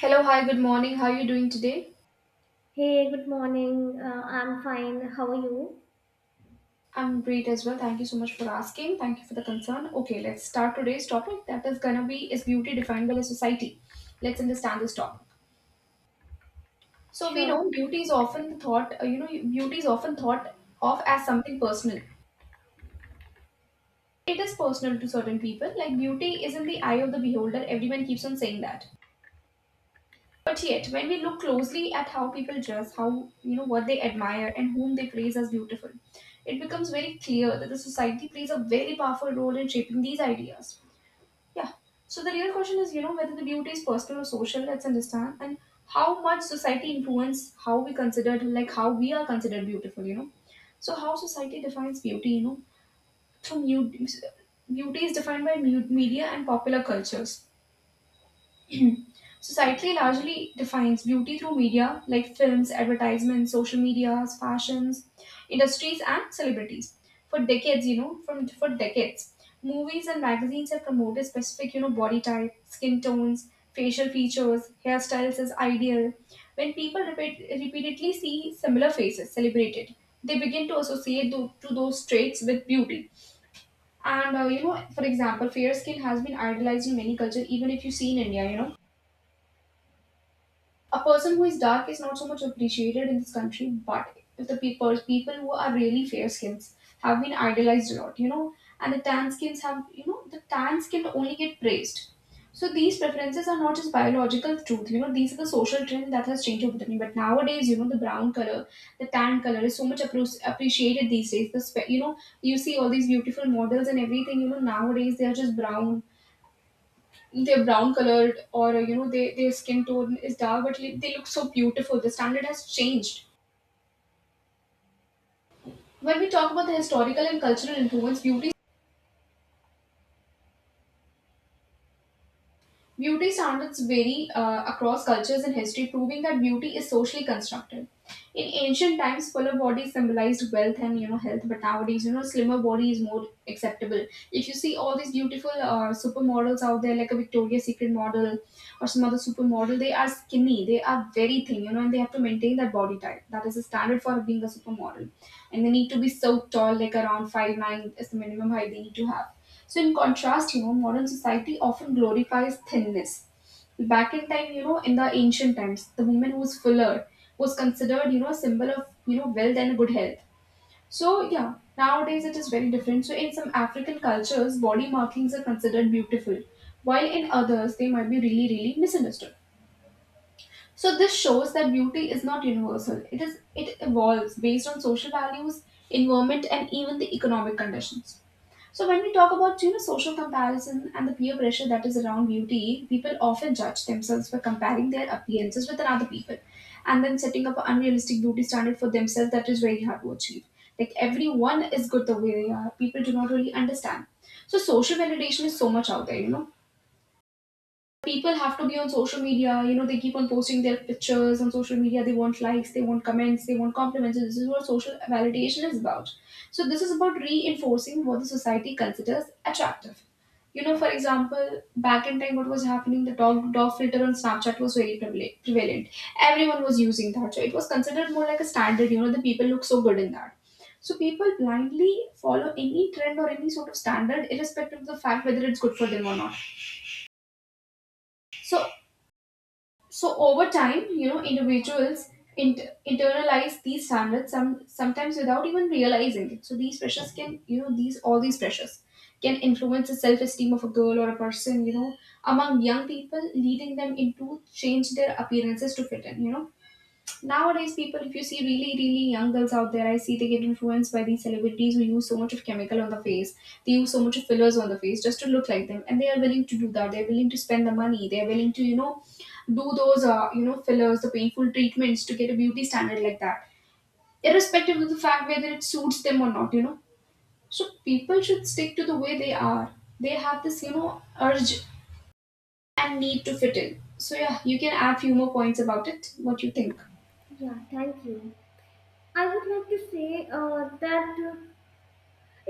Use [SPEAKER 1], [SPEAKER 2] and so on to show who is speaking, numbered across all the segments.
[SPEAKER 1] Hello, hi, good morning. How are you doing today?
[SPEAKER 2] Hey, good morning. I'm fine. How are you?
[SPEAKER 1] I'm great as well. Thank you so much for asking. Thank you for the concern. Okay, let's start today's topic that is gonna be, is beauty defined by the society? Let's understand this topic. So we know
[SPEAKER 2] Sure.
[SPEAKER 1] beauty is often thought, beauty is often thought of as something personal. It is personal to certain people. Like beauty is in the eye of the beholder. Everyone keeps on saying that. But yet, when we look closely at how people dress, how, what they admire, and whom they praise as beautiful, it becomes very clear that the society plays a very powerful role in shaping these ideas. Yeah. So the real question is, whether the beauty is personal or social. Let's understand and how much society influence how we considered, like how we are considered beautiful. So how society defines beauty, beauty is defined by media and popular cultures. Society largely defines beauty through media like films, advertisements, social medias, fashions, industries, and celebrities. For decades, you know, from for decades, movies and magazines have promoted specific, body type, skin tones, facial features, hairstyles as ideal. When people repeatedly see similar faces celebrated, they begin to associate to those traits with beauty. And for example, fair skin has been idolized in many cultures. Even if you see in India, a person who is dark is not so much appreciated in this country, but if the people who are really fair skins have been idolized a lot, and the tan skins have, the tan skin only get praised. So these preferences are not just biological truth. These are the social trend that has changed over the time. But nowadays, the brown color, the tan color is so much appreciated these days. The spe- you know, You see all these beautiful models and everything. You know, nowadays they are just brown they're brown colored, or they, their skin tone is dark, but like, they look so beautiful. The standard has changed. When we talk about the historical and cultural influence, beauty beauty standards vary across cultures and history, proving that beauty is socially constructed. In ancient times, fuller bodies symbolized wealth and health, but nowadays, slimmer body is more acceptable. If you see all these beautiful supermodels out there, like a Victoria's Secret model or some other supermodel, they are skinny, they are very thin, and they have to maintain that body type. That is the standard for being a supermodel, and they need to be so tall, like around 5'9" is the minimum height they need to have. So, in contrast, modern society often glorifies thinness. Back in time, in the ancient times, the woman who was fuller was considered, a symbol of, wealth and good health. So, yeah, nowadays it is very different. So, in some African cultures, body markings are considered beautiful, while in others, they might be really, really misunderstood. So, this shows that beauty is not universal. It evolves based on social values, environment, and even the economic conditions. So when we talk about, social comparison and the peer pressure that is around beauty, people often judge themselves by comparing their appearances with another people, and then setting up an unrealistic beauty standard for themselves that is very hard to achieve. Like everyone is good the way they are. People do not really understand. So social validation is so much out there. People have to be on social media. They keep on posting their pictures on social media. They want likes, they want comments, they want compliments. This is what social validation is about. So this is about reinforcing what the society considers attractive. For example, back in time, what was happening, the dog filter on Snapchat was very prevalent. Everyone was using that, so it was considered more like a standard. The people look so good in that. So people blindly follow any trend or any sort of standard, irrespective of the fact whether it's good for them or not. So so over time, individuals internalize these standards, sometimes without even realizing it. So these pressures can. These all these pressures can influence the self-esteem of a girl or a person, among young people, leading them into change their appearances to fit in. Nowadays, people, if you see really, really young girls out there, I see they get influenced by these celebrities who use so much of chemical on the face. They use so much of fillers on the face just to look like them, and they are willing to do that. They're willing to spend the money. They're willing to, you know, do those, fillers, the painful treatments to get a beauty standard like that, irrespective of the fact whether it suits them or not. So people should stick to the way they are. They have this, urge and need to fit in. So yeah, you can add few more points about it. What you think?
[SPEAKER 2] Yeah, thank you. I would like to say that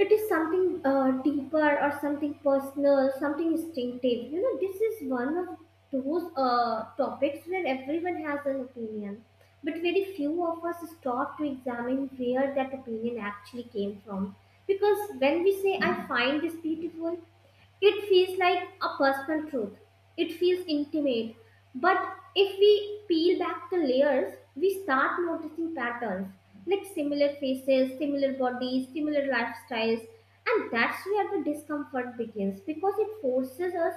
[SPEAKER 2] it is something deeper or something personal, something instinctive. You know, this is one of those topics where everyone has an opinion, but very few of us stop to examine where that opinion actually came from. Because when we say, I find this beautiful, it feels like a personal truth. It feels intimate. But if we peel back the layers, we start noticing patterns like similar faces, similar bodies, similar lifestyles. And that's where the discomfort begins because it forces us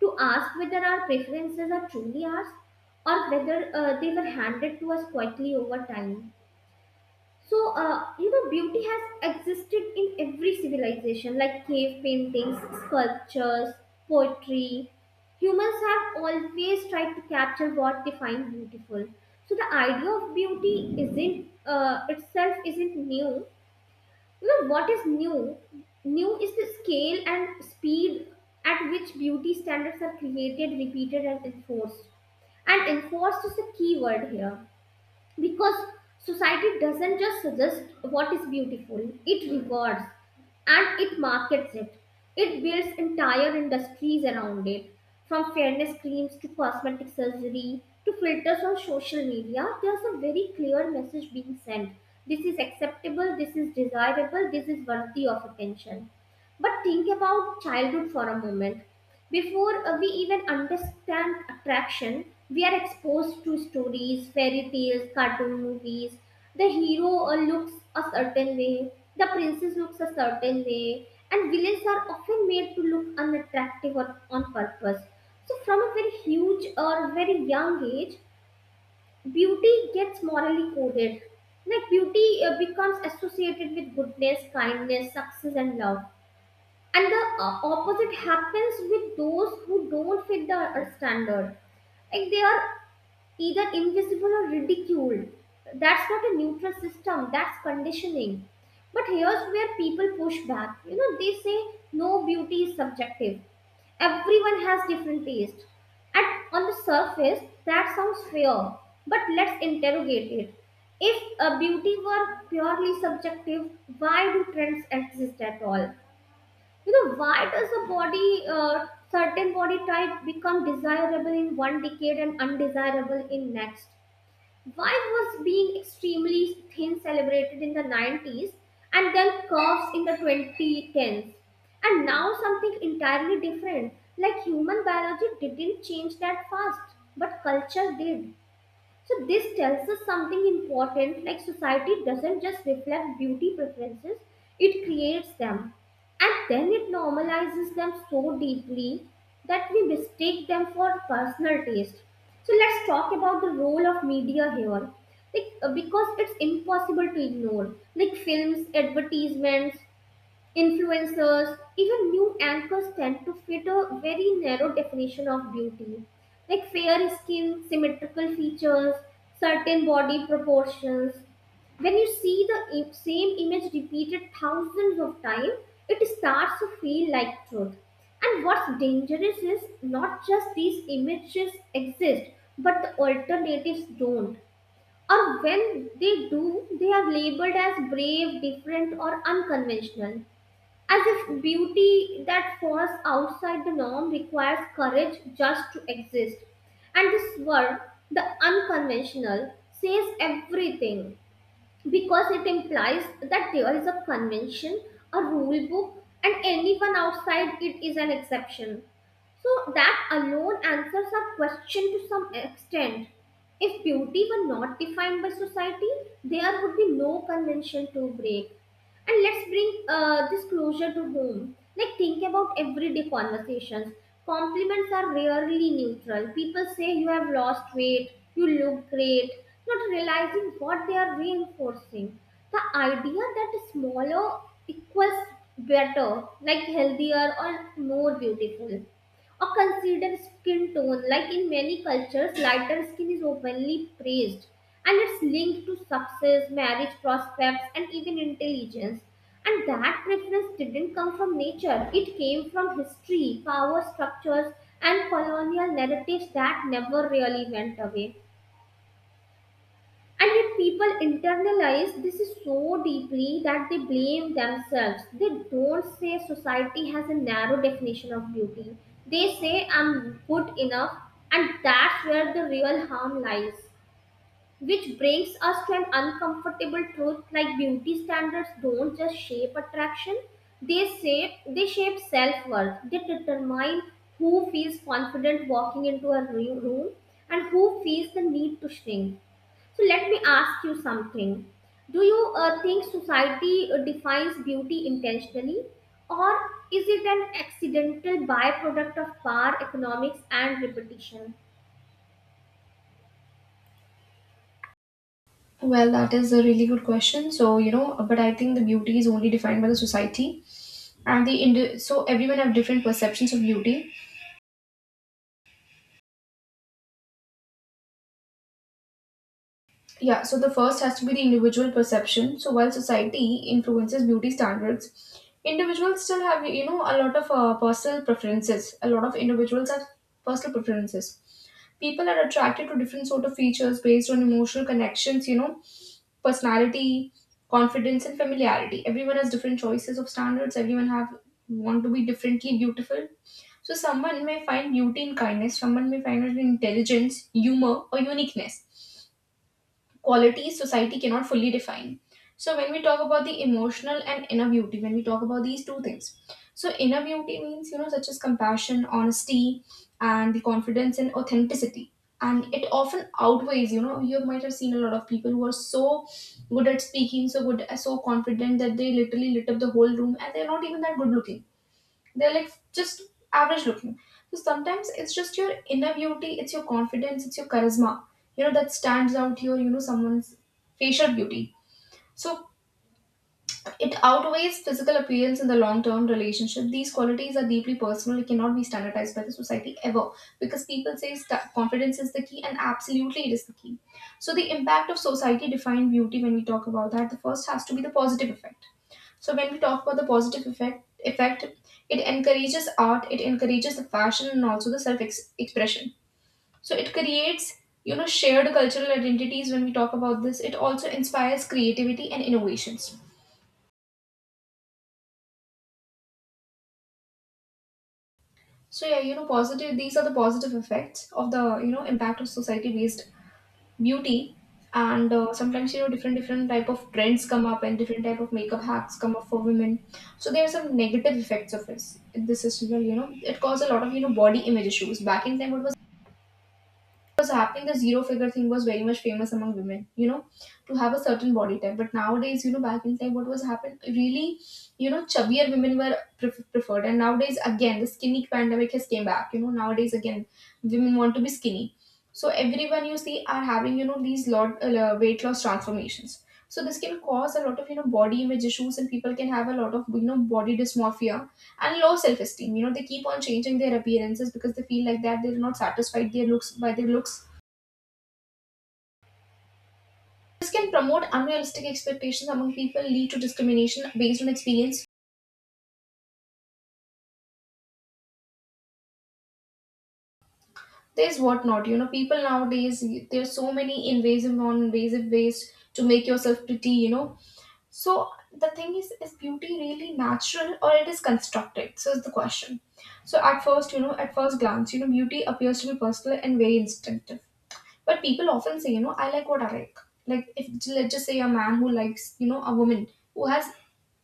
[SPEAKER 2] to ask whether our preferences are truly ours or whether they were handed to us quietly over time. So, you know, beauty has existed in every civilization, like cave paintings, sculptures, poetry. Humans have always tried to capture what they find beautiful. So, the idea of beauty isn't itself isn't new. You know, what is new? New is the scale and speed at which beauty standards are created, repeated, and enforced. And enforced is the key word here because society doesn't just suggest what is beautiful, it rewards and it markets it, it builds entire industries around it, from fairness creams to cosmetic surgery to filters on social media. There's a very clear message being sent: this is acceptable, this is desirable, this is worthy of attention. But think about childhood for a moment. Before we even understand attraction, we are exposed to stories, fairy tales, cartoon movies. The hero looks a certain way, the princess looks a certain way, and villains are often made to look unattractive or on purpose. So, from a very huge or very young age, beauty gets morally coded. Like beauty becomes associated with goodness, kindness, success, and love, and the opposite happens with those who don't fit the standard, like they are either invisible or ridiculed. That's not a neutral system, that's conditioning. But here's where people push back. You know, they say no, beauty is subjective, everyone has different taste. And on the surface that sounds fair, but let's interrogate it. If beauty were purely subjective, why do trends exist at all? You know, why does a body, certain body type become desirable in one decade and undesirable in next? Why was being extremely thin celebrated in the 90s and then curves in the 2010s? And now something entirely different. Like, human biology didn't change that fast, but culture did. So this tells us something important, like society doesn't just reflect beauty preferences, it creates them. And then it normalizes them so deeply that we mistake them for personal taste. So let's talk about the role of media here. Like, because it's impossible to ignore. Like films, advertisements, influencers, even new anchors tend to fit a very narrow definition of beauty, like fair skin, symmetrical features, certain body proportions. When you see the same image repeated thousands of times, it starts to feel like truth. And what's dangerous is not just these images exist, but the alternatives don't. Or when they do, they are labeled as brave, different, or unconventional. As if beauty that falls outside the norm requires courage just to exist. And this word, the unconventional, says everything because it implies that there is a convention, a rule book, and anyone outside it is an exception. So that alone answers our question to some extent. If beauty were not defined by society, there would be no convention to break. And let's bring this closure to home. Like, think about everyday conversations. Compliments are rarely neutral. People say you have lost weight, you look great, not realizing what they are reinforcing. The idea that smaller equals better, like healthier or more beautiful. Or consider skin tone. Like in many cultures, lighter skin is openly praised and it's linked to success, marriage prospects, and even intelligence. And that preference didn't come from nature, it came from history, power structures, and colonial narratives that never really went away. And yet, people internalize this is so deeply that they blame themselves. They don't say society has a narrow definition of beauty. They say I'm good enough, and that's where the real harm lies. Which brings us to an uncomfortable truth, like beauty standards don't just shape attraction, they shape they shape self-worth. They determine who feels confident walking into a room and who feels the need to shrink. So let me ask you something. Do you think society defines beauty intentionally, or is it an accidental byproduct of power, economics, and repetition?
[SPEAKER 1] Well, that is a really good question. So, but I think the beauty is only defined by the society, and the so everyone have different perceptions of beauty. Yeah, so the first has to be the individual perception. So while society influences beauty standards, individuals still have, a lot of personal preferences. A lot of individuals have personal preferences. People are attracted to different sort of features based on emotional connections, personality, confidence, and familiarity. Everyone has different choices of standards. Everyone have want to be differently beautiful. So someone may find beauty in kindness, someone may find it in intelligence, humor, or uniqueness, qualities society cannot fully define. So when we talk about the emotional and inner beauty, when we talk about these two things, so inner beauty means, such as compassion, honesty, and the confidence and authenticity, and it often outweighs. You might have seen a lot of people who are so good at speaking, so good, so confident that they literally lit up the whole room, and they're not even that good looking. They're like just average looking. So sometimes it's just your inner beauty, it's your confidence, it's your charisma, that stands out here, someone's facial beauty. So it outweighs physical appearance in the long term relationship. These qualities are deeply personal, it cannot be standardized by the society ever. Because people say, confidence is the key, and absolutely it is the key. So the impact of society defined beauty, when we talk about that, the first has to be the positive effect. So when we talk about the positive effect, it encourages art, it encourages the fashion, and also the self expression. So it creates, shared cultural identities. When we talk about this, it also inspires creativity and innovations. So yeah, positive. These are the positive effects of the, impact of society based beauty. And sometimes, different type of trends come up, and different type of makeup hacks come up for women. So there are some negative effects of this as well. It caused a lot of, body image issues. Back in time, what was happening, the zero figure thing was very much famous among women, to have a certain body type. But nowadays, back in time, what was happened really, chubbier women were preferred. And nowadays again, the skinny pandemic has came back. Nowadays again, women want to be skinny. So everyone you see are having, these lot weight loss transformations. So this can cause a lot of, body image issues, and people can have a lot of, body dysmorphia and low self esteem. You know, they keep on changing their appearances because they feel like that they're not satisfied their looks by their looks. This can promote unrealistic expectations among people, lead to discrimination based on experience. There's whatnot. You know, people nowadays, there's so many invasive, non-invasive ways to make yourself pretty. You know, so the thing is beauty really natural, or it is constructed? So is the question. So at first, at first glance, beauty appears to be personal and very instinctive. But people often say, I like what I like. Like if let's just say a man who likes, a woman who has,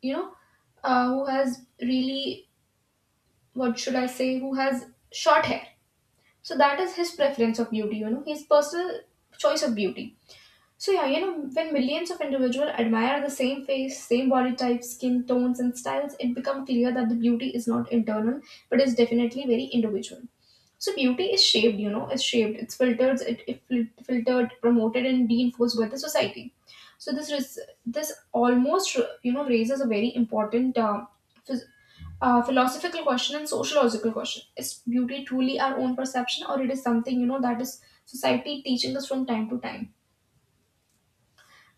[SPEAKER 1] you know, who has really what should I say, who has short hair. So that is his preference of beauty, you know, his personal choice of beauty. So yeah, you know, when millions of individuals admire the same face, same body type, skin tones and styles, it becomes clear that the beauty is not internal, but is definitely very individual. So beauty is shaped, you know, it's shaped, it's filtered, filtered, promoted, and reinforced by the society. So this is this almost you know raises a very important phys- philosophical question and sociological question: is beauty truly our own perception, or it is something you know that is society teaching us from time to time?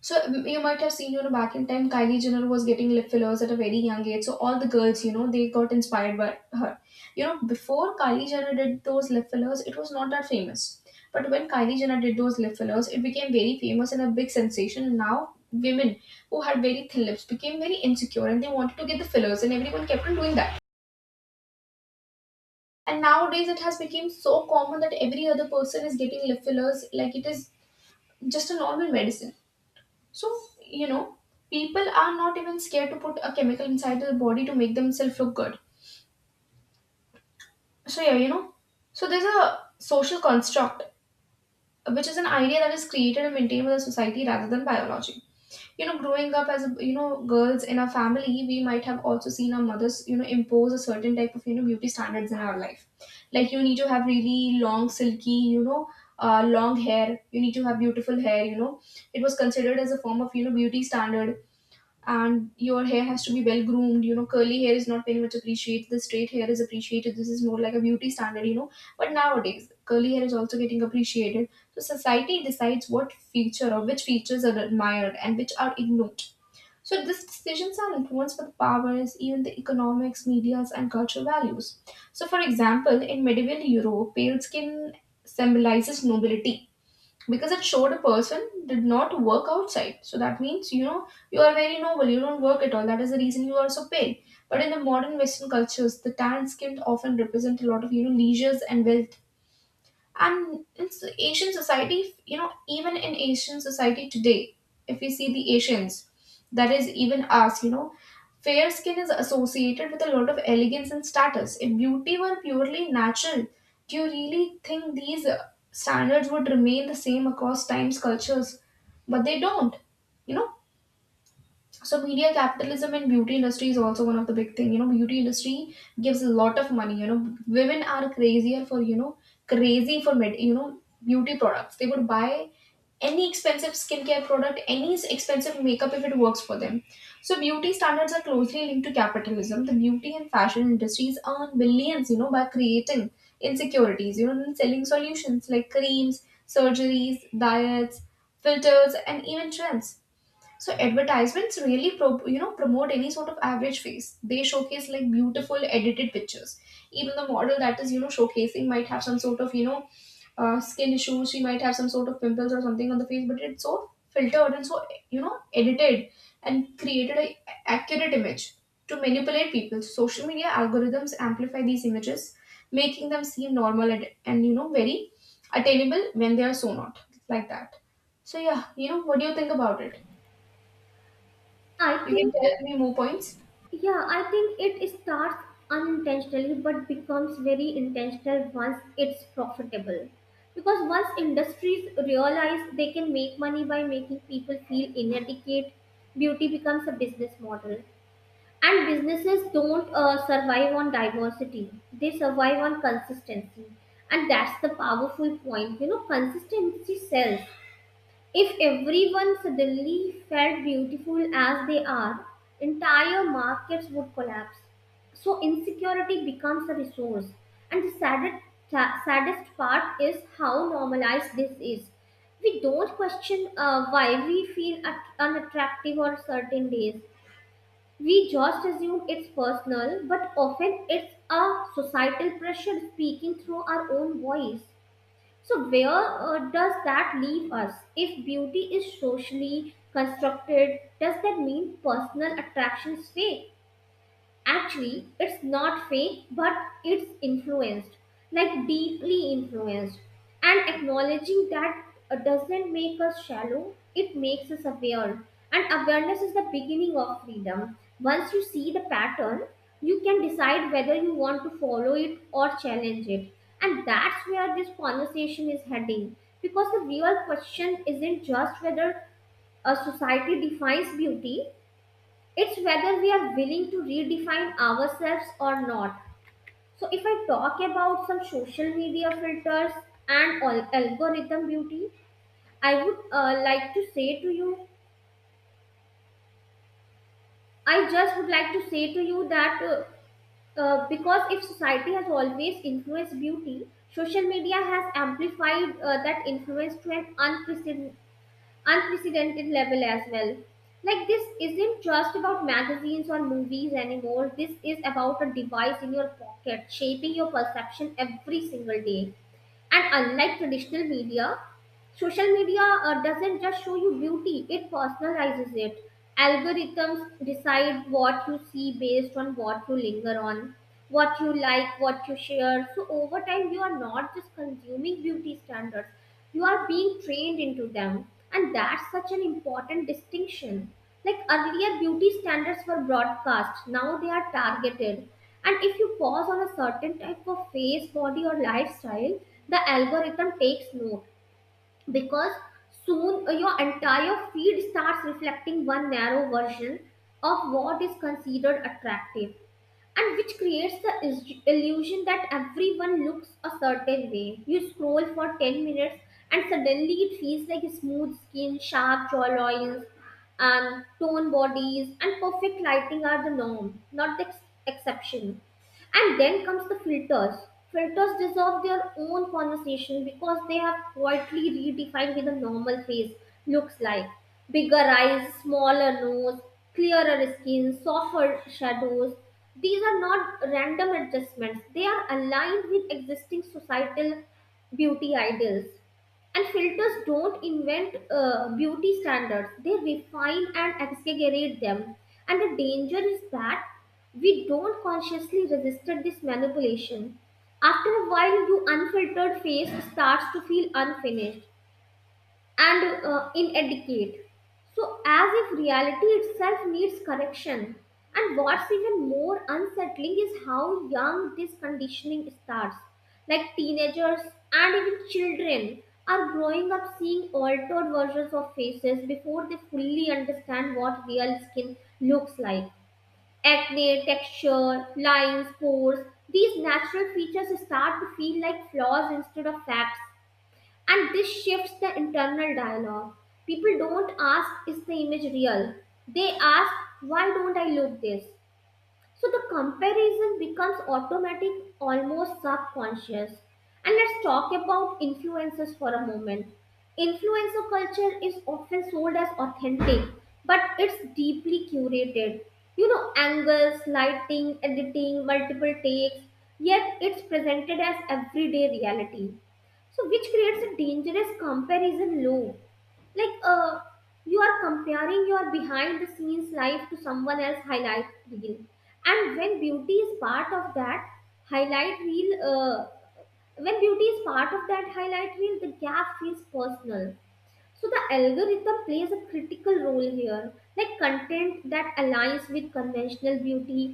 [SPEAKER 1] So you might have seen, you know, back in time, Kylie Jenner was getting lip fillers at a very young age. So all the girls, you know, they got inspired by her. You know, before Kylie Jenner did those lip fillers, it was not that famous. But when Kylie Jenner did those lip fillers, it became very famous and a big sensation. And now women who had very thin lips became very insecure and they wanted to get the fillers, and everyone kept on doing that. And nowadays, it has become so common that every other person is getting lip fillers, like it is just a normal medicine. So, you know, people are not even scared to put a chemical inside their body to make themselves look good. So, yeah, you know, so there's a social construct, which is an idea that is created and maintained by the society rather than biology. You know, growing up as, you know, girls in our family, we might have also seen our mothers, you know, impose a certain type of, you know, beauty standards in our life. Like, you need to have really long, silky, long hair. You need to have beautiful hair, you know. It was considered as a form of, you know, beauty standard, and your hair has to be well groomed, you know. Curly hair is not very much appreciated, the straight hair is appreciated. This is more like a beauty standard, you know, but nowadays curly hair is also getting appreciated. So society decides what feature or which features are admired and which are ignored. So these decisions are influenced by the powers, even the economics, medias and cultural values. So for example, in medieval Europe, pale skin symbolizes nobility, because it showed a person did not work outside. So that means, you know, you are very noble, you don't work at all, that is the reason you are so pale. But in the modern Western cultures, the tan skinned often represent a lot of, you know, leisures and wealth. And in Asian society, you know, even in Asian society today, if we see the Asians, that is even us, you know, fair skin is associated with a lot of elegance and status. If beauty were purely natural, do you really think these standards would remain the same across times, cultures? But they don't, you know. So media, capitalism and beauty industry is also one of the big thing, you know. Beauty industry gives a lot of money, you know. Women are crazier for, you know, beauty products. They would buy any expensive skincare product, any expensive makeup, if it works for them. So beauty standards are closely linked to capitalism. The beauty and fashion industries earn billions, you know, by creating insecurities, you know, and selling solutions like creams, surgeries, diets, filters and even trends. So advertisements really you know promote any sort of average face. They showcase like beautiful edited pictures. Even the model that is you know showcasing might have some sort of skin issues. She might have some sort of pimples or something on the face, but it's so filtered and so you know edited and created a accurate image to manipulate people. Social media algorithms amplify these images, making them seem normal and, you know very attainable when they are so not like that. So yeah, you know, what do you think about it?
[SPEAKER 2] I
[SPEAKER 1] You can
[SPEAKER 2] think,
[SPEAKER 1] tell me more points?
[SPEAKER 2] yeah, I think it starts unintentionally but becomes very intentional once it's profitable. Because once industries realize they can make money by making people feel inadequate, beauty becomes a business model. And businesses don't survive on diversity, they survive on consistency. And that's the powerful point. You know, consistency sells. If everyone suddenly felt beautiful as they are, entire markets would collapse. So insecurity becomes a resource. And the saddest part is how normalized this is. We don't question why we feel unattractive on certain days. We just assume it's personal, but often it's a societal pressure speaking through our own voice. So, where does that leave us? If beauty is socially constructed, does that mean personal attraction is fake? Actually, it's not fake, but it's influenced, like deeply influenced. And acknowledging that doesn't make us shallow, it makes us aware. And awareness is the beginning of freedom. Once you see the pattern, you can decide whether you want to follow it or challenge it. And that's where this conversation is heading. Because the real question isn't just whether a society defines beauty, it's whether we are willing to redefine ourselves or not. So, if I talk about some social media filters and algorithm beauty, I would like to say to you, I just would like to say to you that because if society has always influenced beauty, social media has amplified that influence to an unprecedented level as well. Like, this isn't just about magazines or movies anymore. This is about a device in your pocket shaping your perception every single day. And unlike traditional media, social media doesn't just show you beauty, it personalizes it. Algorithms decide what you see based on what you linger on, what you like, what you share. So, over time, you are not just consuming beauty standards, you are being trained into them. And that's such an important distinction. Like earlier, beauty standards were broadcast, now they are targeted. And if you pause on a certain type of face, body, or lifestyle, the algorithm takes note because soon your entire feed starts reflecting one narrow version of what is considered attractive, and which creates the illusion that everyone looks a certain way. You scroll for 10 minutes and suddenly it feels like smooth skin, sharp jawlines, and toned bodies and perfect lighting are the norm, not the exception. And then comes the filters. Filters deserve their own conversation because they have quietly redefined what the normal face looks like. Bigger eyes, smaller nose, clearer skin, softer shadows. These are not random adjustments, they are aligned with existing societal beauty ideals. And filters don't invent beauty standards, they refine and exaggerate them. And the danger is that we don't consciously resist this manipulation. After a while, your unfiltered face starts to feel unfinished and inadequate. So, as if reality itself needs correction. And what's even more unsettling is how young this conditioning starts. Like teenagers and even children are growing up seeing altered versions of faces before they fully understand what real skin looks like. Acne, texture, lines, pores, these natural features start to feel like flaws instead of facts, and this shifts the internal dialogue. People don't ask, is the image real? They ask, why don't I look this? So the comparison becomes automatic, almost subconscious. And let's talk about influencers for a moment. Influencer culture is often sold as authentic, but it's deeply curated. You know, angles, lighting, editing, multiple takes, yet it's presented as everyday reality. So, which creates a dangerous comparison loop, like, uh, you are comparing your behind the scenes life to someone else highlight reel. And when beauty is part of that highlight reel when beauty is part of that highlight reel, the gap feels personal. So the algorithm plays a critical role here, like content that aligns with conventional beauty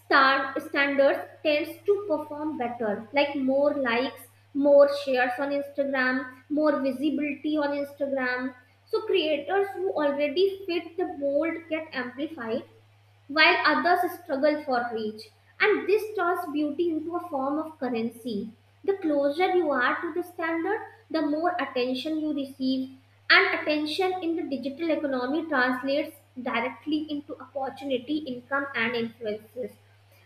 [SPEAKER 2] star standards tends to perform better, like more likes, more shares on Instagram, more visibility on Instagram. So creators who already fit the mold get amplified while others struggle for reach. And this turns beauty into a form of currency. The closer you are to the standard, the more attention you receive. And attention in the digital economy translates directly into opportunity, income, and influences.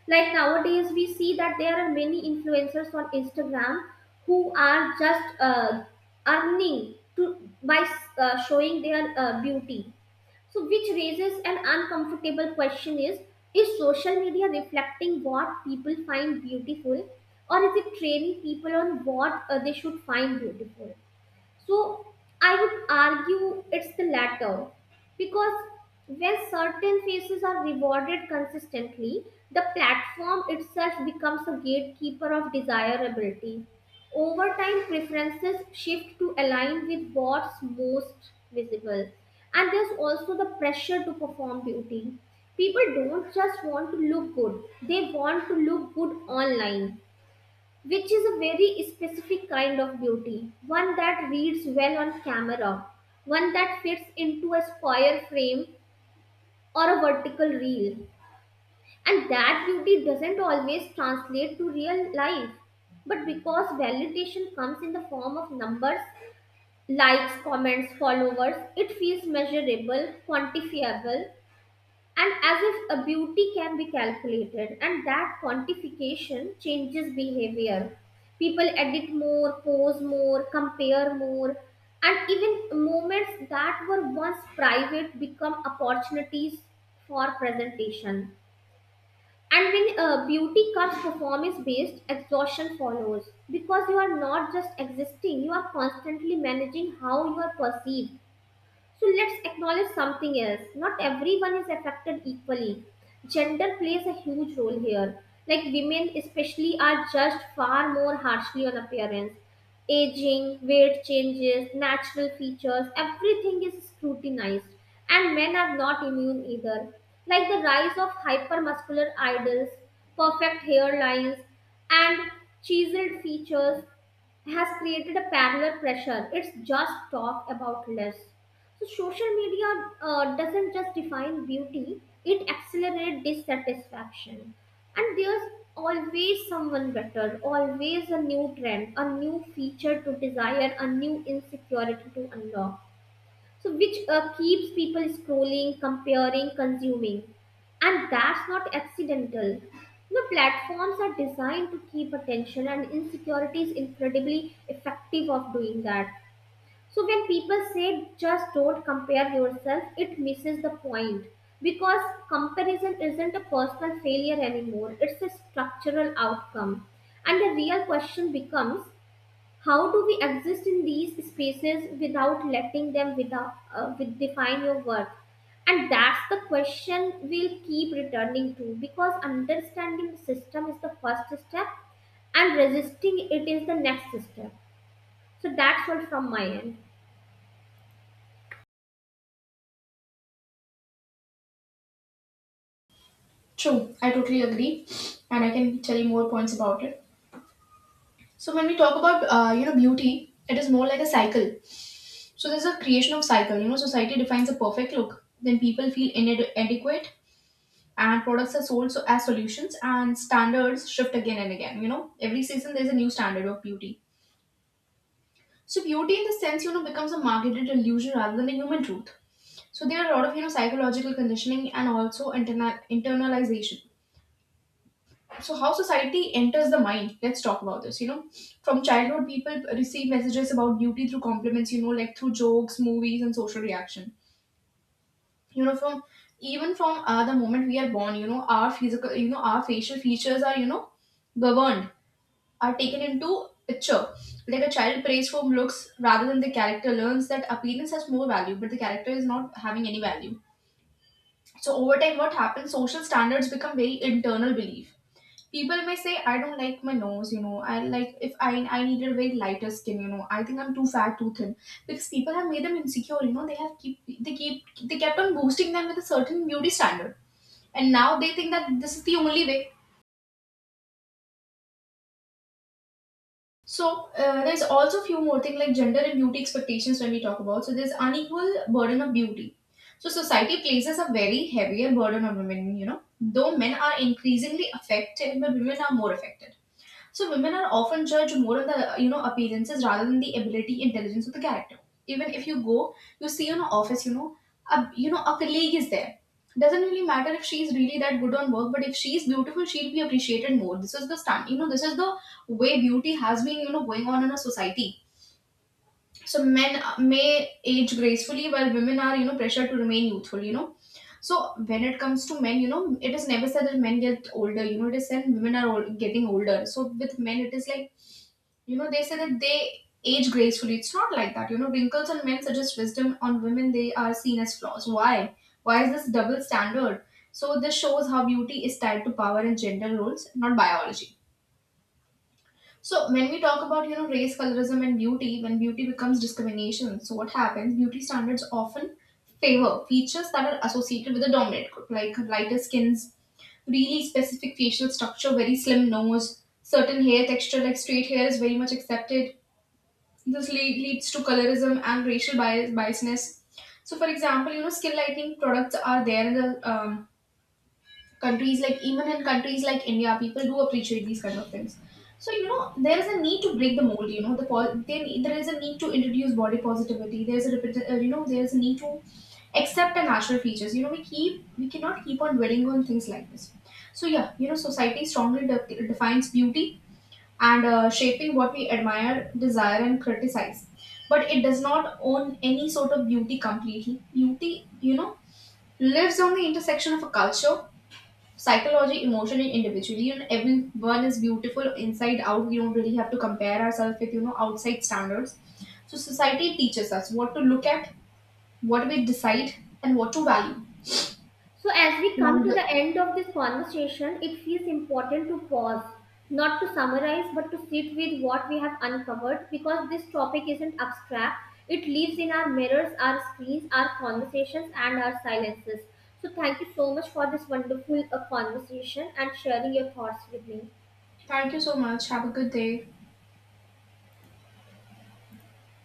[SPEAKER 2] Like nowadays, we see that there are many influencers on Instagram who are just earning to by showing their beauty. So, which raises an uncomfortable question: is social media reflecting what people find beautiful or is it training people on what they should find beautiful? So I would argue it's the latter because when certain faces are rewarded consistently, the platform itself becomes a gatekeeper of desirability. Over time, preferences shift to align with what's most visible. And there's also the pressure to perform beauty. People don't just want to look good, they want to look good online, which is a very specific kind of beauty, one that reads well on camera, one that fits into a square frame or a vertical reel. And that beauty doesn't always translate to real life. But because validation comes in the form of numbers, likes, comments, followers, it feels measurable, quantifiable, and as if a beauty can be calculated. And that quantification changes behavior. People edit more, pose more, compare more, and even moments that were once private become opportunities for presentation. And when beauty comes performance based, exhaustion follows because you are not just existing, you are constantly managing how you are perceived. So let's acknowledge something else. Not everyone is affected equally. Gender plays a huge role here. Like women, especially, are judged far more harshly on appearance. Aging, weight changes, natural features, everything is scrutinized. And men are not immune either. Like the rise of hypermuscular idols, perfect hairlines, and chiseled features has created a parallel pressure. It's just talk about less. So social media doesn't just define beauty; it accelerates dissatisfaction. And there's always someone better, always a new trend, a new feature to desire, a new insecurity to unlock. So which keeps people scrolling, comparing, consuming, and that's not accidental. The platforms are designed to keep attention, and insecurity is incredibly effective of doing that. So when people say just don't compare yourself, it misses the point because comparison isn't a personal failure anymore, it's a structural outcome. And the real question becomes how do we exist in these spaces without letting them without, with define your worth? And that's the question we'll keep returning to because understanding the system is the first step and resisting it is the next step. So that's all from my end.
[SPEAKER 1] True, I totally agree, and I can tell you more points about it. So when we talk about you know beauty, it is more like a cycle. So there's a creation of cycle. You know, society defines a perfect look, then people feel inadequate, and products are sold so as solutions, and standards shift again and again. You know, every season there's a new standard of beauty. So beauty, in the sense, you know, becomes a marketed illusion rather than a human truth. So there are a lot of you know psychological conditioning and also internalization. So how society enters the mind, let's talk about this, you know. From childhood, people receive messages about beauty through compliments, you know, like through jokes, movies and social reaction. You know, from even from the moment we are born, you know, our physical, you know, our facial features are, you know, governed, are taken into picture. Like a child prays for looks rather than the character, learns that appearance has more value, but the character is not having any value. So over time, what happens, social standards become very internal belief. People may say, I don't like my nose, you know, I like if I, I needed very lighter skin, you know, I think I'm too fat, too thin, because people have made them insecure, you know, they have keep they kept on boosting them with a certain beauty standard, and now they think that this is the only way. So there's also a few more things like gender and beauty expectations, when we talk about. So there's unequal burden of beauty. So society places a very heavier burden on women, you know, though men are increasingly affected, but women are more affected. So women are often judged more of the you know appearances rather than the ability, intelligence or the character. Even if you go, you see in an office, you know a colleague is there. Doesn't really matter if she's really that good on work, but if she's beautiful, she'll be appreciated more. This is the stand, you know, this is the way beauty has been, you know, going on in a society. So men may age gracefully, while women are, you know, pressured to remain youthful. You know, so when it comes to men, you know, it is never said that men get older. You know, it is said women are old, getting older. So with men, it is like, you know, they say that they age gracefully. It's not like that, you know. Wrinkles on men suggest wisdom, on women they are seen as flaws. Why? Why is this double standard? So this shows how beauty is tied to power and gender roles, not biology. So when we talk about, you know, race, colorism and beauty, when beauty becomes discrimination, so what happens, beauty standards often favor features that are associated with a dominant group, like lighter skins, really specific facial structure, very slim nose, certain hair texture, like straight hair is very much accepted. Leads to colorism and racial bias, biasness. So, for example, you know, skin lightening products are there in the countries, like even in countries like India, people do appreciate these kind of things. So, you know, there is a need to break the mold. You know, there is a need to introduce body positivity. There is a you know there is a need to accept our natural features. You know, we cannot keep on dwelling on things like this. So yeah, you know, society strongly defines beauty and shaping what we admire, desire, and criticize. But it does not own any sort of beauty completely. Beauty, you know, lives on the intersection of a culture, psychology, emotion, and individuality. And everyone is beautiful inside out. We don't really have to compare ourselves with, you know, outside standards. So society teaches us what to look at, what we decide, and what to value.
[SPEAKER 2] So, as we come
[SPEAKER 1] And,
[SPEAKER 2] to the end of this conversation, it feels important to pause, not to summarize, but to sit with what we have uncovered because this topic isn't abstract. It lives in our mirrors, our screens, our conversations, and our silences. So, thank you so much for this wonderful conversation and sharing your thoughts with me.
[SPEAKER 1] thank you so much. Have a good day.